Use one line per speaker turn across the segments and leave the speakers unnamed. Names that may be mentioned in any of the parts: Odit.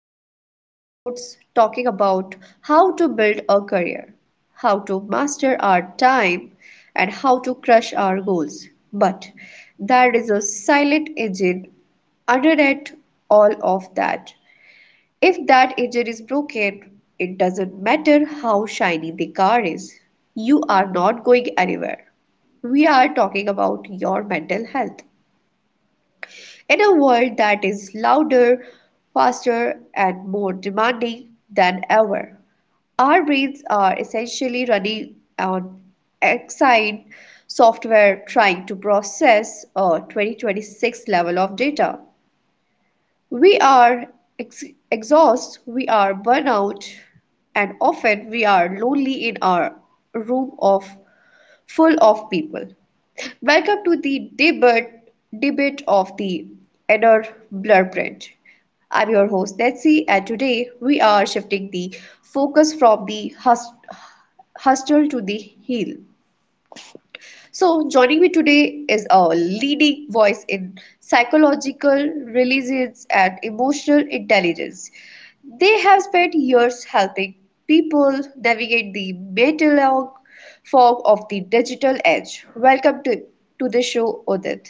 last few episodes talking about how to build a career, how to master our time, and how to crush our goals. But there is a silent engine underneath all of that. If that engine is broken, it doesn't matter how shiny the car is, you are not going anywhere. We are talking about your mental health. In a world that is louder, faster, and more demanding than ever, our brains are essentially running on exciting software trying to process a 2026 level of data. We are ex- exhausted, we are burnout, and often we are lonely in our room of full of people. Welcome to the debate of the Edder Blueprint. I'm your host Nancy, and today we are shifting the focus from the hustle to the heel. So, joining me today is a leading voice in psychological religions and emotional intelligence. They have spent years helping people navigate the metal fog of the digital age. To the show, Odit.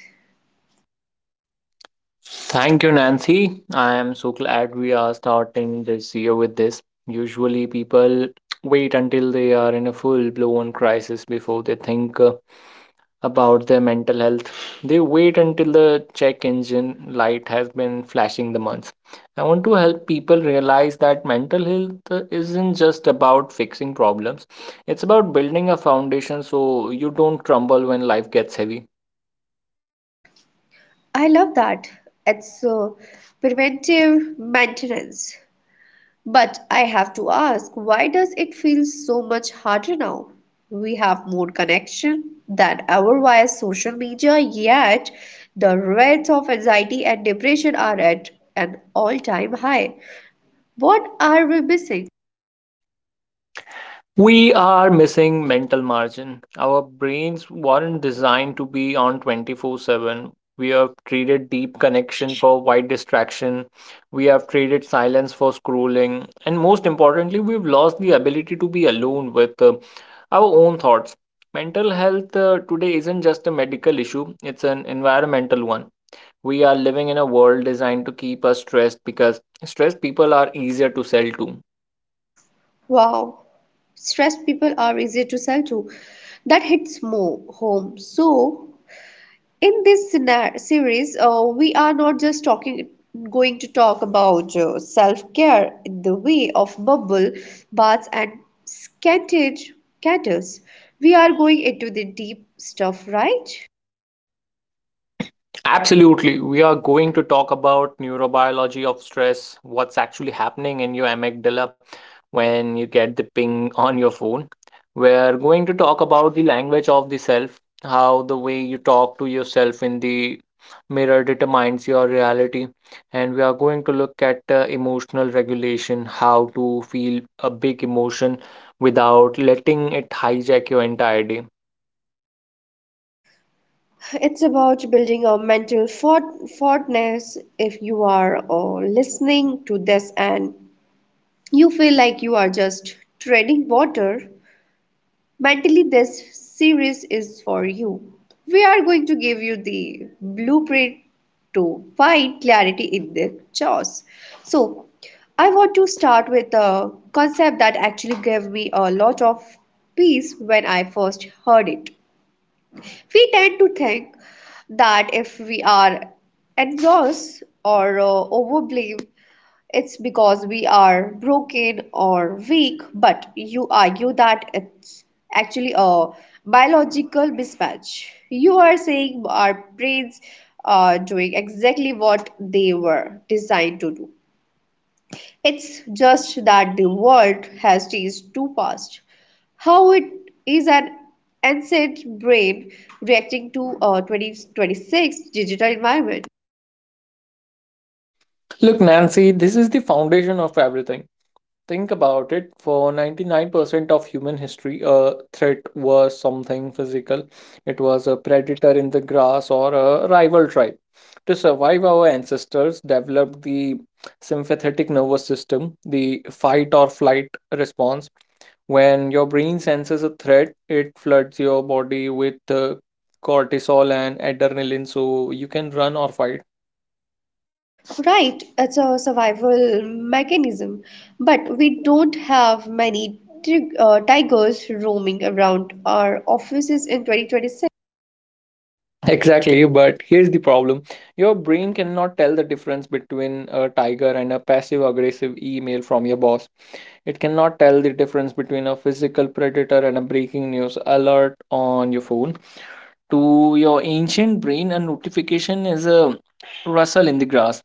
Thank you, Nancy. I am so glad we are starting this year with this. Usually, people wait until they are in a full blown crisis before they think about their mental health. They wait until the check engine light has been flashing the months. I want to help people realize that mental health isn't just about fixing problems, it's about building a foundation so you don't crumble when life gets heavy.
I love that. It's preventive maintenance. But I have to ask, why does it feel so much harder now? We have more connection than ever via social media, yet the rates of anxiety and depression are at an all-time high. What are we missing?
We are missing mental margin. Our brains weren't designed to be on 24/7. We have traded deep connection for wide distraction. We have traded silence for scrolling. And most importantly, we've lost the ability to be alone with our own thoughts. Mental health today isn't just a medical issue, it's an environmental one. We are living in a world designed to keep us stressed because stressed people are easier to sell to.
Wow, stressed people are easier to sell to. That hits more home. So, in this series we are not just talking going to talk about self-care in the way of bubble baths and scented candles, we are going into the deep stuff, right?
Absolutely. We are going to talk about neurobiology of stress, what's actually happening in your amygdala when you get the ping on your phone. We're going to talk about the language of the self, how the way you talk to yourself in the mirror determines your reality. And we are going to look at emotional regulation, how to feel a big emotion without letting it hijack your entire day.
It's about building a mental fortness. If you are listening to this and you feel like you are just treading water mentally, this series is for you. We are going to give you the blueprint to find clarity in the chaos. So, I want to start with a concept that actually gave me a lot of peace when I first heard it. We tend to think that if we are engrossed or overblamed, it's because we are broken or weak, but you argue that it's actually a biological mismatch. You are saying our brains are doing exactly what they were designed to do. It's just that the world has changed too fast. How it is an ancient brain reacting to a 2026 digital environment.
Look, Nancy, this is the foundation of everything. Think about it, for 99% of human history, a threat was something physical. It was a predator in the grass or a rival tribe. To survive, our ancestors developed the sympathetic nervous system, the fight or flight response. When your brain senses a threat, it floods your body with cortisol and adrenaline so you can run or fight.
Right, it's a survival mechanism, but we don't have many tigers roaming around our offices in 2026.
Exactly, but here's the problem. Your brain cannot tell the difference between a tiger and a passive aggressive email from your boss. It cannot tell the difference between a physical predator and a breaking news alert on your phone. To your ancient brain, a notification is a rustle in the grass.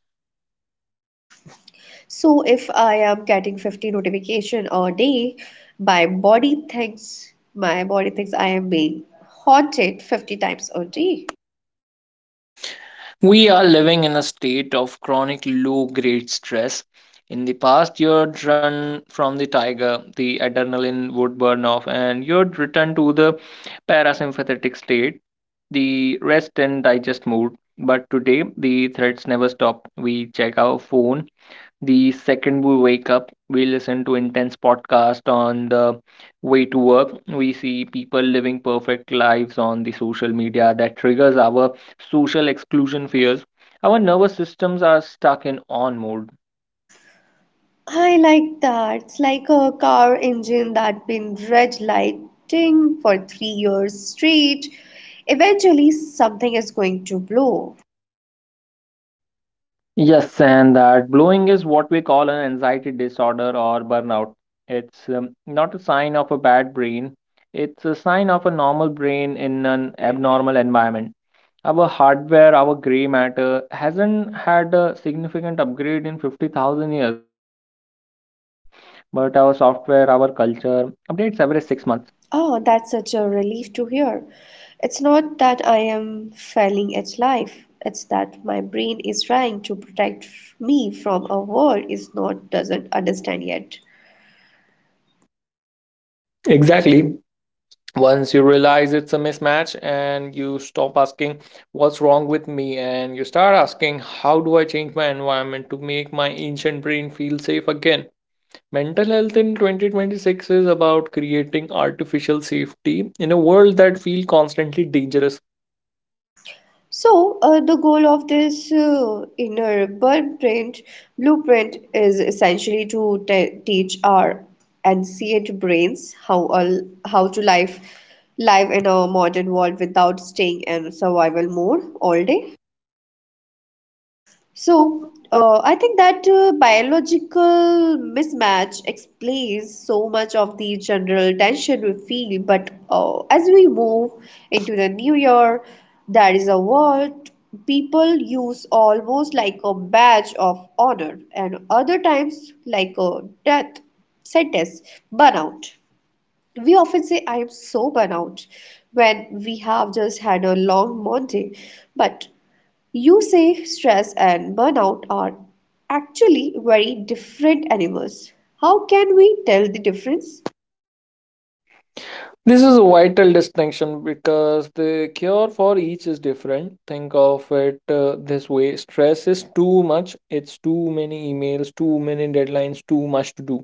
So if I am getting 50 notification a day, my body thinks I am being haunted 50 times a day.
We are living in a state of chronic low grade stress. In the past, you'd run from the tiger, the adrenaline would burn off, and you'd return to the parasympathetic state, the rest and digest mode. But today, the threats never stop. We check our phone the second we wake up, we listen to intense podcast on the way to work. We see people living perfect lives on the social media that triggers our social exclusion fears. Our nervous systems are stuck in on mode.
I like that. It's like a car engine that been red lighting for 3 years straight. Eventually, something is going to blow.
Yes, and that blowing is what we call an anxiety disorder or burnout. It's not a sign of a bad brain, it's a sign of a normal brain in an abnormal environment. Our hardware, our gray matter, hasn't had a significant upgrade in 50,000 years, but our software, our culture updates every 6 months.
Oh, that's such a relief to hear. It's not that I am failing at life, it's that my brain is trying to protect me from a world is not doesn't understand yet.
Exactly. Once you realize it's a mismatch and you stop asking what's wrong with me and you start asking how do I change my environment to make my ancient brain feel safe again, mental health in 2026 is about creating artificial safety in a world that feels constantly dangerous.
So, the goal of this inner blueprint is essentially to teach our ancient brains how to live in a modern world without staying in survival mode all day. So, I think that biological mismatch explains so much of the general tension we feel. But as we move into the new year, that is a word people use almost like a badge of honor, and other times like a death sentence: burnout. We often say, I am so burnout, when we have just had a long Monday. But you say stress and burnout are actually very different animals. How can we tell the difference?
This is a vital distinction because the cure for each is different. Think of it this way. Stress is too much, it's too many emails, too many deadlines, too much to do.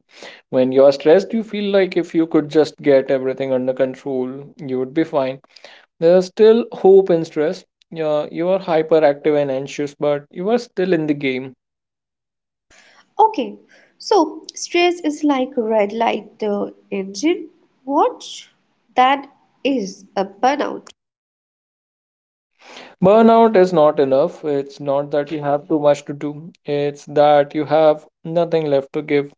When you are stressed, you feel like if you could just get everything under control, you would be fine. There's still hope in stress. Yeah, you are hyperactive and anxious, but you are still in the game.
Okay, so stress is like red light the engine. What that is a burnout.
Burnout is not enough. It's not that you have too much to do, it's that you have nothing left to give.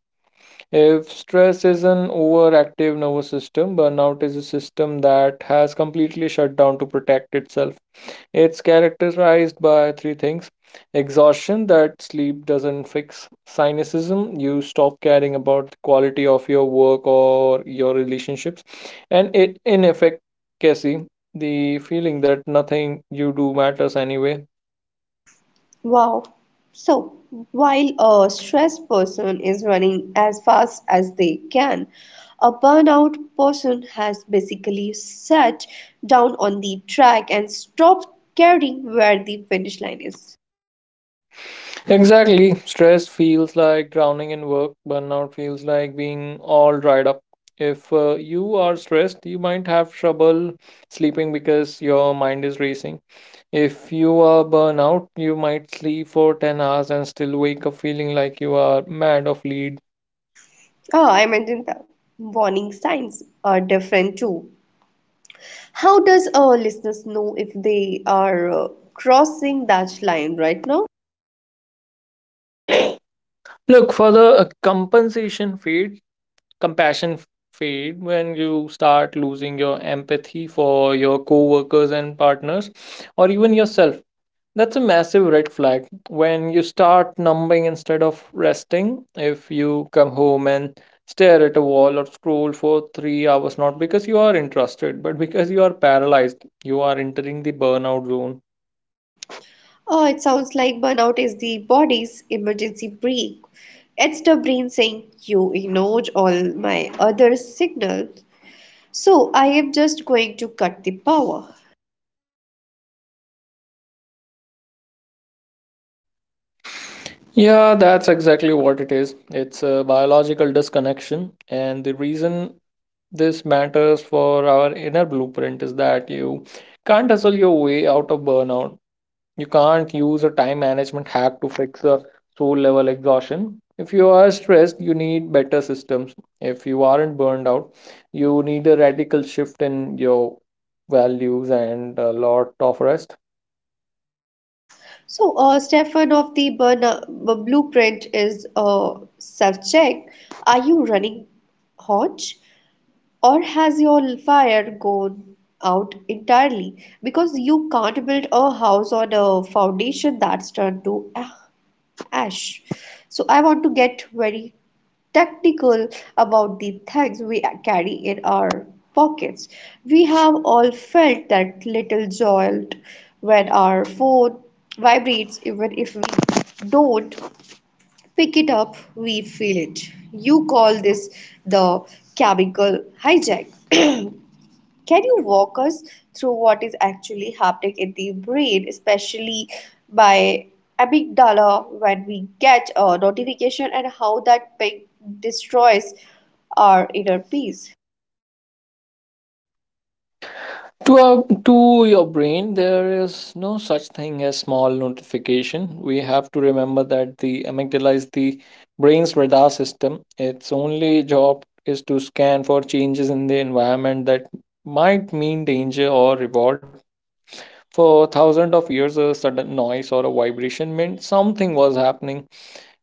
If stress is an overactive nervous system, burnout is a system that has completely shut down to protect itself. It's characterized by three things: exhaustion that sleep doesn't fix, cynicism, you stop caring about the quality of your work or your relationships, and it inefficacy, the feeling that nothing you do matters anyway.
Wow. So while a stressed person is running as fast as they can, a burnout person has basically sat down on the track and stopped caring where the finish line is.
Exactly. Stress feels like drowning in work. Burnout feels like being all dried up. If you are stressed, you might have trouble sleeping because your mind is racing. If you are burnout, you might sleep for 10 hours and still wake up feeling like you are mad of lead.
Oh, I mentioned that. Warning signs are different too. How does our listeners know if they are crossing that line right now?
Look, for the compassion fade, when you start losing your empathy for your co-workers and partners or even yourself, that's a massive red flag. When you start numbing instead of resting, if you come home and stare at a wall or scroll for 3 hours not because you are interested but because you are paralyzed, you are entering the burnout zone.
Oh, it sounds like burnout is the body's emergency brake. It's the brain saying, you ignored all my other signals, so I am just going to cut the power.
Yeah, that's exactly what it is. It's a biological disconnection, and the reason this matters for our inner blueprint is that you can't hustle your way out of burnout. You can't use a time management hack to fix a soul level exhaustion. If you are stressed, you need better systems. If you aren't burned out, you need a radical shift in your values and a lot of rest.
So, Stefan of the burnout blueprint is a self check. Are you running hot, or has your fire gone out entirely? Because you can't build a house on a foundation that's turned to ash. So I want to get very technical about the things we carry in our pockets. We have all felt that little jolt when our phone vibrates, even if we don't pick it up, we feel it. You call this the chemical hijack. Can you walk us through what is actually happening in the brain, especially by amygdala, when we get a notification and how that ping destroys our inner peace?
To your brain, there is no such thing as small notification. We have to remember that the amygdala is the brain's radar system. Its only job is to scan for changes in the environment that might mean danger or reward. For thousands of years, a sudden noise or a vibration meant something was happening.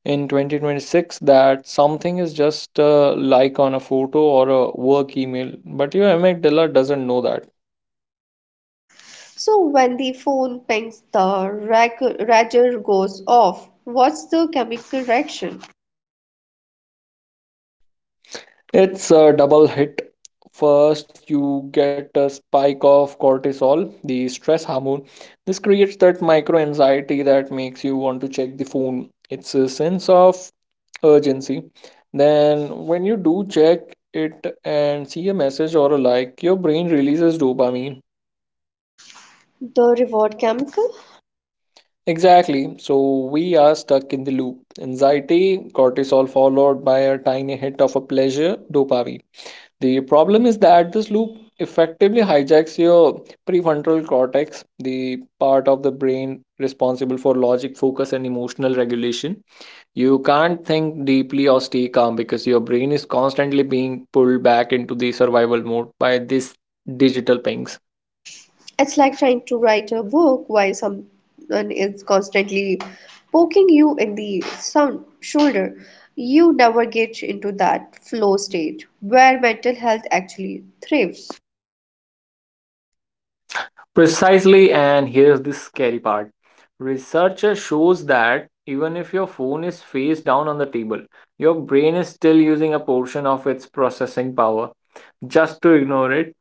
In 2026, that something is just a like on a photo or a work email, but your amygdala doesn't know that.
So, when the phone pings, the rager goes off. What's the chemical reaction?
It's a double hit. First, you get a spike of cortisol, the stress hormone. This creates that micro anxiety that makes you want to check the phone. It's a sense of urgency. Then, when you do check it and see a message or a like, your brain releases dopamine.
The reward chemical?
Exactly. So, we are stuck in the loop. Anxiety, cortisol, followed by a tiny hit of a pleasure, dopamine. The problem is that this loop effectively hijacks your prefrontal cortex, the part of the brain responsible for logic, focus, and emotional regulation. You can't think deeply or stay calm because your brain is constantly being pulled back into the survival mode by these digital pings.
It's like trying to write a book while someone is constantly poking you in the sound shoulder. You never get into that flow state where mental health actually thrives.
Precisely, and here's the scary part, research shows that even if your phone is face down on the table, your brain is still using a portion of its processing power just to ignore it.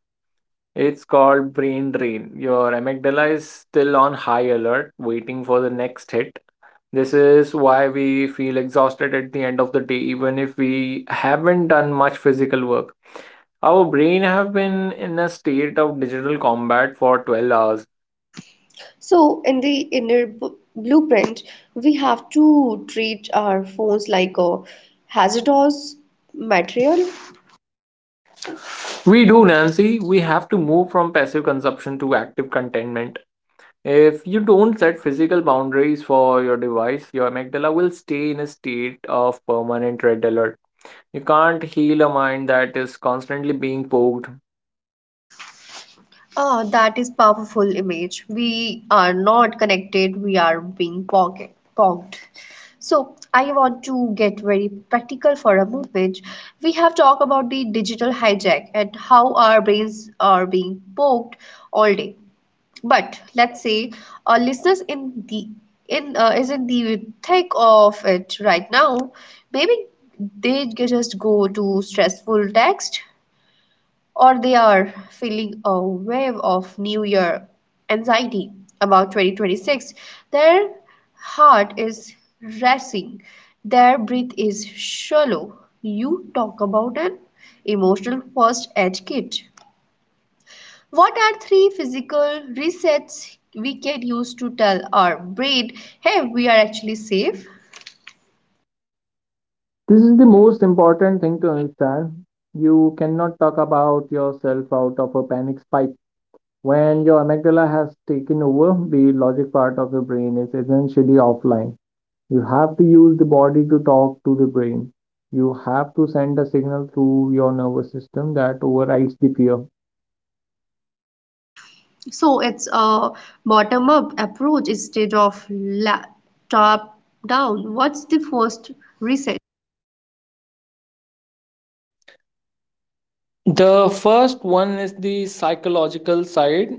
It's called brain drain. Your amygdala is still on high alert, waiting for the next hit. This is why we feel exhausted at the end of the day, even if we haven't done much physical work. Our brain have been in a state of digital combat for 12 hours.
So, in the blueprint, we have to treat our phones like a hazardous material.
We do, Nancy. We have to move from passive consumption to active contentment. If you don't set physical boundaries for your device, your amygdala will stay in a state of permanent red alert. You can't heal a mind that is constantly being poked.
Ah, that is powerful image. We are not connected, we are being pocket poked. So I want to get very practical for a moment. We have talked about the digital hijack and how our brains are being poked all day. But let's say our listeners in the in is in the thick of it right now. Maybe they just go to stressful text, or they are feeling a wave of New Year anxiety about 2026. Their heart is racing, their breath is shallow. You talk about an emotional first aid kit. What are three physical resets we can use to tell our brain, hey, we are actually safe?
This is the most important thing to understand. You cannot talk about yourself out of a panic spike. When your amygdala has taken over, the logic part of the brain is essentially offline. You have to use the body to talk to the brain. You have to send a signal through your nervous system that overrides the fear.
So it's a bottom up approach instead of top down. What's the first reset?
The first one is the psychological side.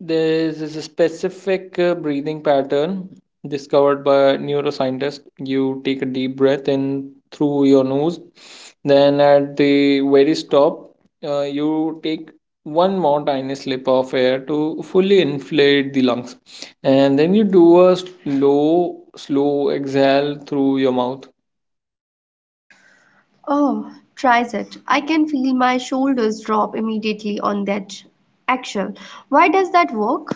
There is a specific breathing pattern discovered by neuroscientists. You take a deep breath in through your nose, then at the very stop, you take one more tiny slip of air to fully inflate the lungs, and then you do a slow, slow exhale through your mouth.
Oh, tries it. I can feel my shoulders drop immediately on that actual. Why does that work?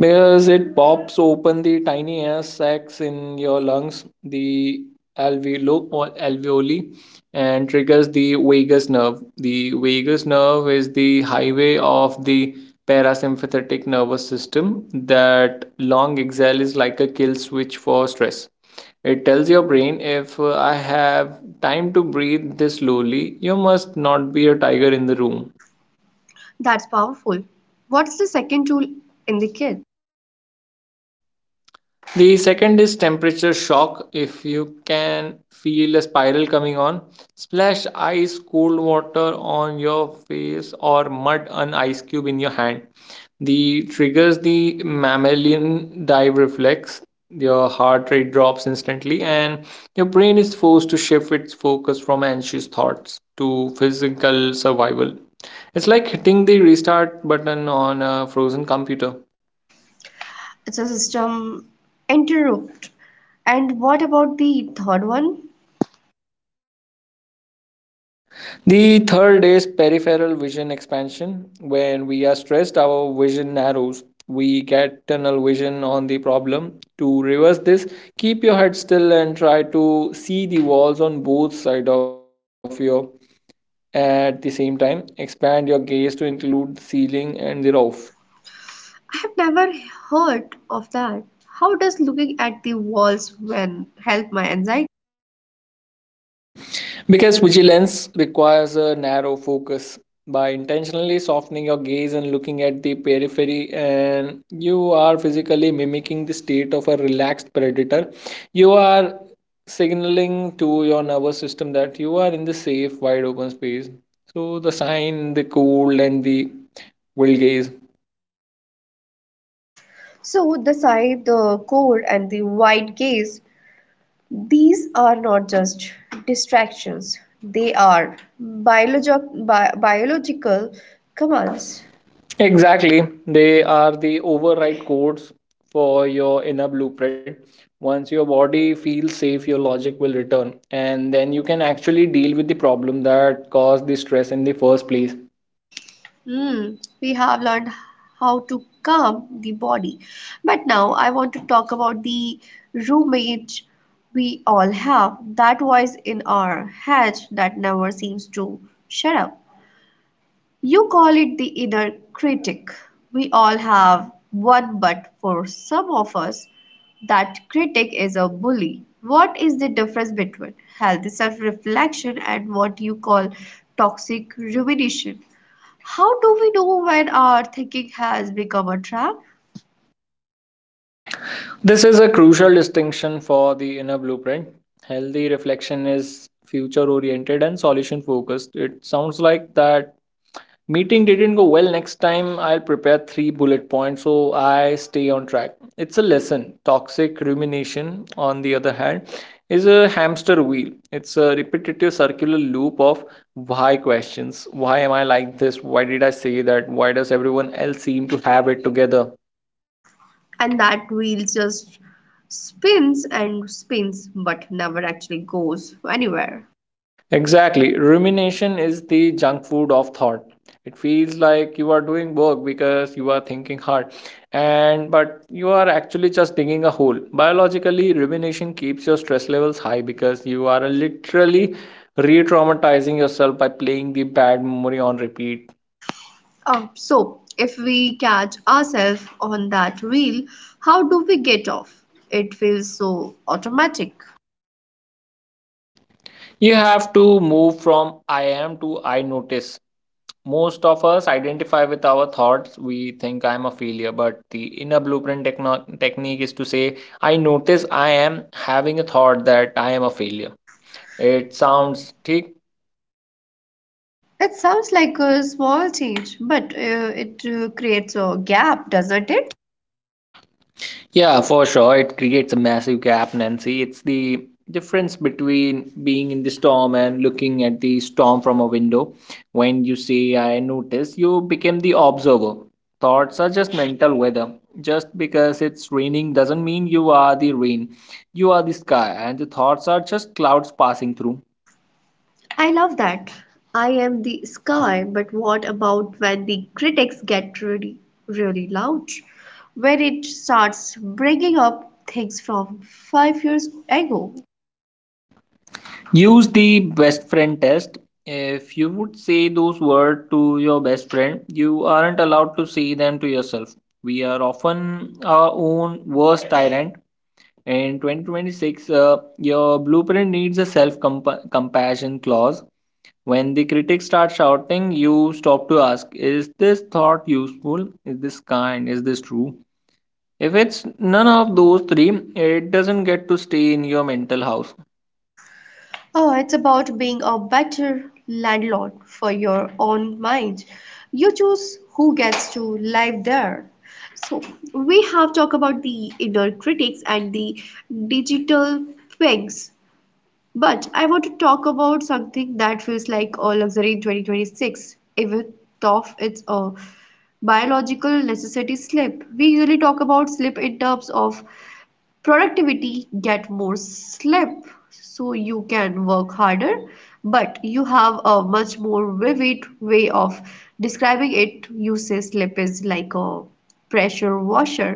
Because it pops open the tiny air sacs in your lungs, the alveolo or alveoli, and triggers the vagus nerve. The vagus nerve is the highway of the parasympathetic nervous system. That long exhale is like a kill switch for stress. It tells your brain, if I have time to breathe this slowly, you must not be a tiger in the room.
That's powerful. What's the second tool in the kit?
The second is temperature shock. If you can feel a spiral coming on, splash ice cold water on your face or mud an ice cube in your hand. The triggers the mammalian dive reflex. Your heart rate drops instantly and your brain is forced to shift its focus from anxious thoughts to physical survival. It's like hitting the restart button on a frozen computer.
It's a system interrupt. And what about the third one?
The third is peripheral vision expansion. When we are stressed, our vision narrows. We get tunnel vision on the problem. To reverse this, keep your head still and try to see the walls on both sides of you. At the same time, expand your gaze to include the ceiling and the roof.
I have never heard of that. How does looking at the walls when help my anxiety?
Because vigilance requires a narrow focus. By intentionally softening your gaze and looking at the periphery, and you are physically mimicking the state of a relaxed predator, you are signaling to your nervous system that you are in the safe, wide open space. So, the sign, the cool, and the wild gaze.
So the side, the core, and the wide gaze, these are not just distractions, they are biological commands.
Exactly. They are the override codes for your inner blueprint. Once your body feels safe, your logic will return, and then you can actually deal with the problem that caused the stress in the first place.
Hmm, we have learned how to calm the body, but now I want to talk about the roommate. We all have that voice in our head that never seems to shut up. You call it the inner critic. We all have one, but for some of us, that critic is a bully. What is the difference between healthy self reflection and what you call toxic rumination? How do we know when our thinking has become a trap,
This is a crucial distinction for the inner blueprint. Healthy reflection is future oriented and solution focused. It sounds like that meeting didn't go well. Next time, I'll prepare three bullet points so I stay on track. It's a lesson. Toxic rumination, on the other hand, is a hamster wheel. It's a repetitive circular loop of why questions. Why am I like this? Why did I say that? Why does everyone else seem to have it together?
and that wheel just spins and spins but never actually goes anywhere?
Exactly. Rumination is the junk food of thought. It feels like you are doing work because you are thinking hard and but you are actually just digging a hole. Biologically, rumination keeps your stress levels high because you are literally re-traumatizing yourself by playing the bad memory on repeat.
Oh, so if we catch ourselves on that wheel, how do we get off? It feels so automatic.
You have to move from I am to I notice. Most of us identify with our thoughts. We think I'm a failure, but the inner blueprint technique is to say, I notice I am having a thought that I am a failure. It sounds ठीक.
It sounds like a small change, but it creates a gap, doesn't it?
Yeah, for sure. It creates a massive gap, Nancy. It's the difference between being in the storm and looking at the storm from a window. When you say, I notice, you become the observer. Thoughts are just mental weather. Just because it's raining doesn't mean you are the rain. You are the sky, and the thoughts are just clouds passing through.
I love that. I am the sky, but what about when the critics get really, really loud? When it starts bringing up things from 5 years ago?
Use the best friend test. If you would say those words to your best friend, you aren't allowed to say them to yourself. We are often our own worst tyrant. In 2026, your blueprint needs a self compassion clause. When the critics start shouting, you stop to ask, is this thought useful? Is this kind? Is this true? If it's none of those three, it doesn't get to stay in your mental house.
Oh, it's about being a better landlord for your own mind. You choose who gets to live there. So we have talked about the inner critics and the digital pigs. But I want to talk about something that feels like a luxury in 2026, even though it's a biological necessity: sleep. We usually talk about sleep in terms of productivity, get more sleep so you can work harder, but you have a much more vivid way of describing it. You say sleep is like a pressure washer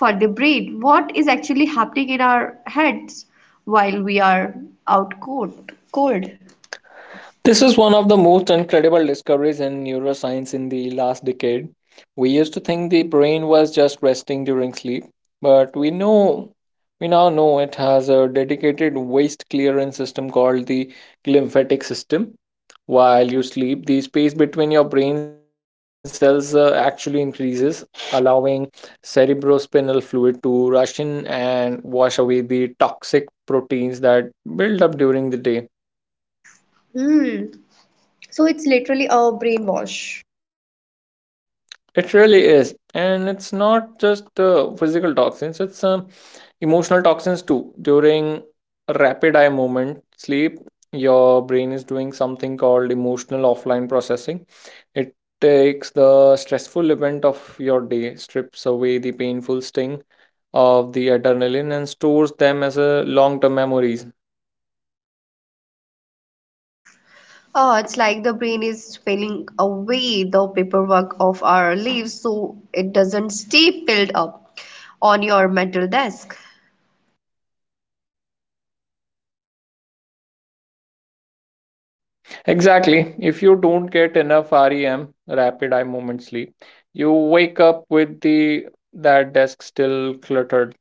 for the brain. What is actually happening in our heads while we are out cold?
This is one of the most incredible discoveries in neuroscience in the last decade. We used to think the brain was just resting during sleep, but we now know it has a dedicated waste clearance system called the glymphatic system. While you sleep, the space between your brain cells actually increases, allowing cerebrospinal fluid to rush in and wash away the toxic proteins that build up during the day.
Hmm. So it's literally a brainwash?
It really is, and it's not just physical toxins; it's emotional toxins too. During rapid eye movement sleep, your brain is doing something called emotional offline processing. It takes the stressful event of your day, strips away the painful sting of the adrenaline, and stores them as a long-term memories.
Oh, it's like the brain is spinning away the paperwork of our lives so it doesn't stay piled up on your mental desk.
Exactly. If you don't get enough REM, rapid eye movement sleep, you wake up with the that desk still cluttered.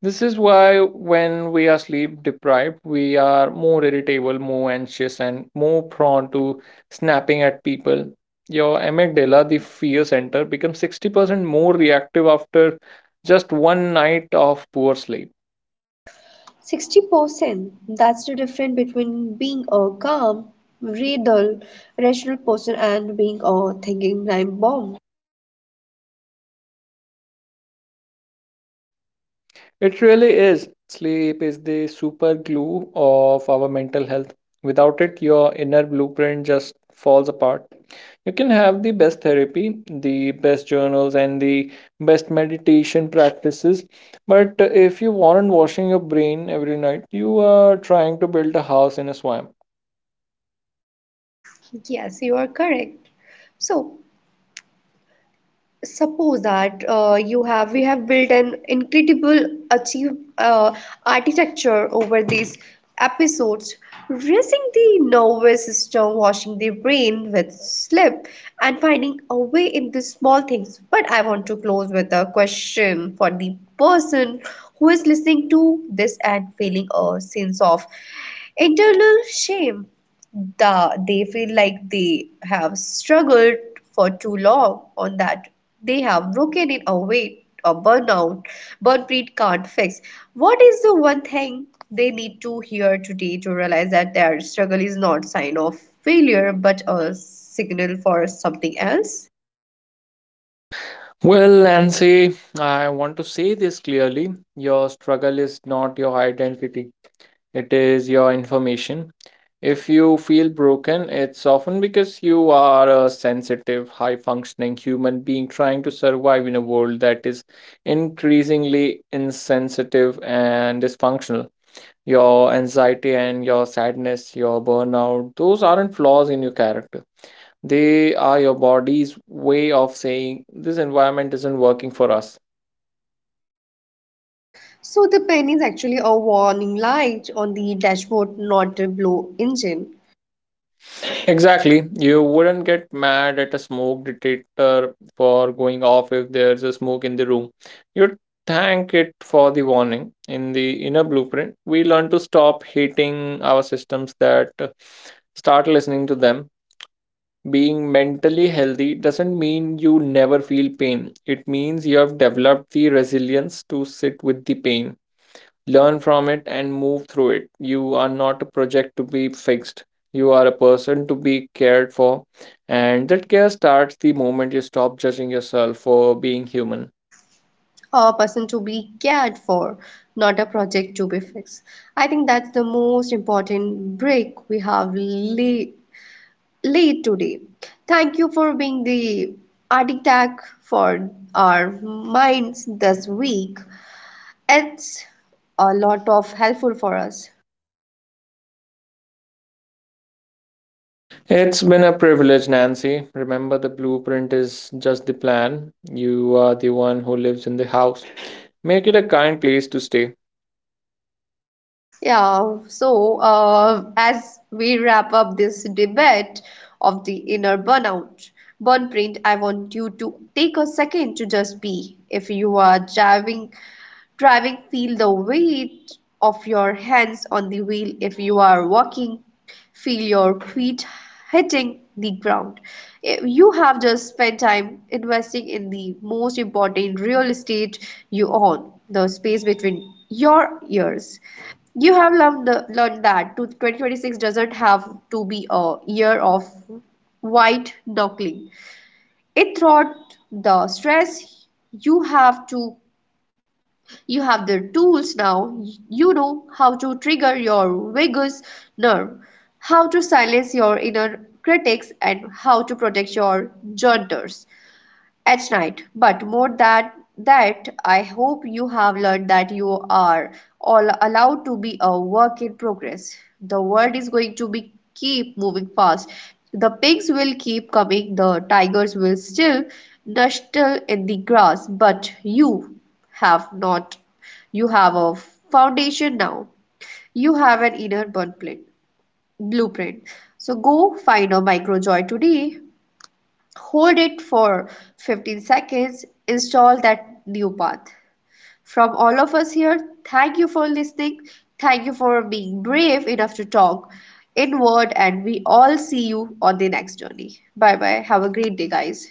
This is why when we are sleep deprived, we are more irritable, more anxious, and more prone to snapping at people. Your amygdala, the fear center, becomes 60% more reactive after just one night of poor sleep.
60%. That's the difference between being a calm, real, rational person and being a thinking time bomb.
It really is. Sleep is the super glue of our mental health. Without it, your inner blueprint just falls apart. You can have the best therapy, the best journals, and the best meditation practices, but if you aren't washing your brain every night, you are trying to build a house in a swamp.
Yes, you are correct. So, suppose that you have we have built an incredible achieve uh, architecture over these episodes, raising the nervous system, washing the brain with slip, and finding a way in the small things. But I want to close with a question for the person who is listening to this and feeling a sense of internal shame. They feel like they have struggled for too long on that, they have broken in a way a burn breed can't fix. What is the one thing they need to hear today to realize that their struggle is not sign of failure but a signal for something else?
Well, Nancy, I want to say this clearly. Your struggle is not your identity. It is your information. If you feel broken, it's often because you are a sensitive, high functioning human being trying to survive in a world that is increasingly insensitive and dysfunctional. Your anxiety and your sadness, your burnout, those aren't flaws in your character. They are your body's way of saying, this environment isn't working for us.
So the pen is actually a warning light on the dashboard, not a blow engine.
Exactly. You wouldn't get mad at a smoke detector for going off if there's a smoke in the room. You'd thank it for the warning. In the inner blueprint, we learn to stop hating our systems that start listening to them. Being mentally healthy doesn't mean you never feel pain. It means you have developed the resilience to sit with the pain, learn from it, and move through it. You are not a project to be fixed. You are a person to be cared for, and that care starts the moment you stop judging yourself for being human.
A person to be cared for, not a project to be fixed. I think that's the most important break we have late, late today. Thank you for being the architect for our minds this week. It's a lot of helpful for us.
It's been a privilege, Nancy. Remember, the blueprint is just the plan. You are the one who lives in the house. Make it a kind place to stay.
Yeah, so as we wrap up this debate of the inner burn print, I want you to take a second to just be. If you are driving, feel the weight of your hands on the wheel. If you are walking, feel your feet hitting the ground. If you have just spent time investing in the most important real estate you own, the space between your ears. You have learned that 2026 doesn't have to be a year of white knuckling. It throughout the stress you have to you have the tools now. You know how to trigger your vagus nerve, how to silence your inner critics, and how to protect your jointers at night. But more than that, I hope you have learned that you are all allowed to be a work in progress. The world is going to be keep moving fast. The pigs will keep coming, the tigers will still nestle in the grass, but you have not. You have a foundation now. You have an inner blueprint. So go find a micro joy today. Hold it for 15 seconds. Install that new path. From all of us here, thank you for listening. Thank you for being brave enough to talk inward, and we all see you on the next journey. Bye bye. Have a great day, guys.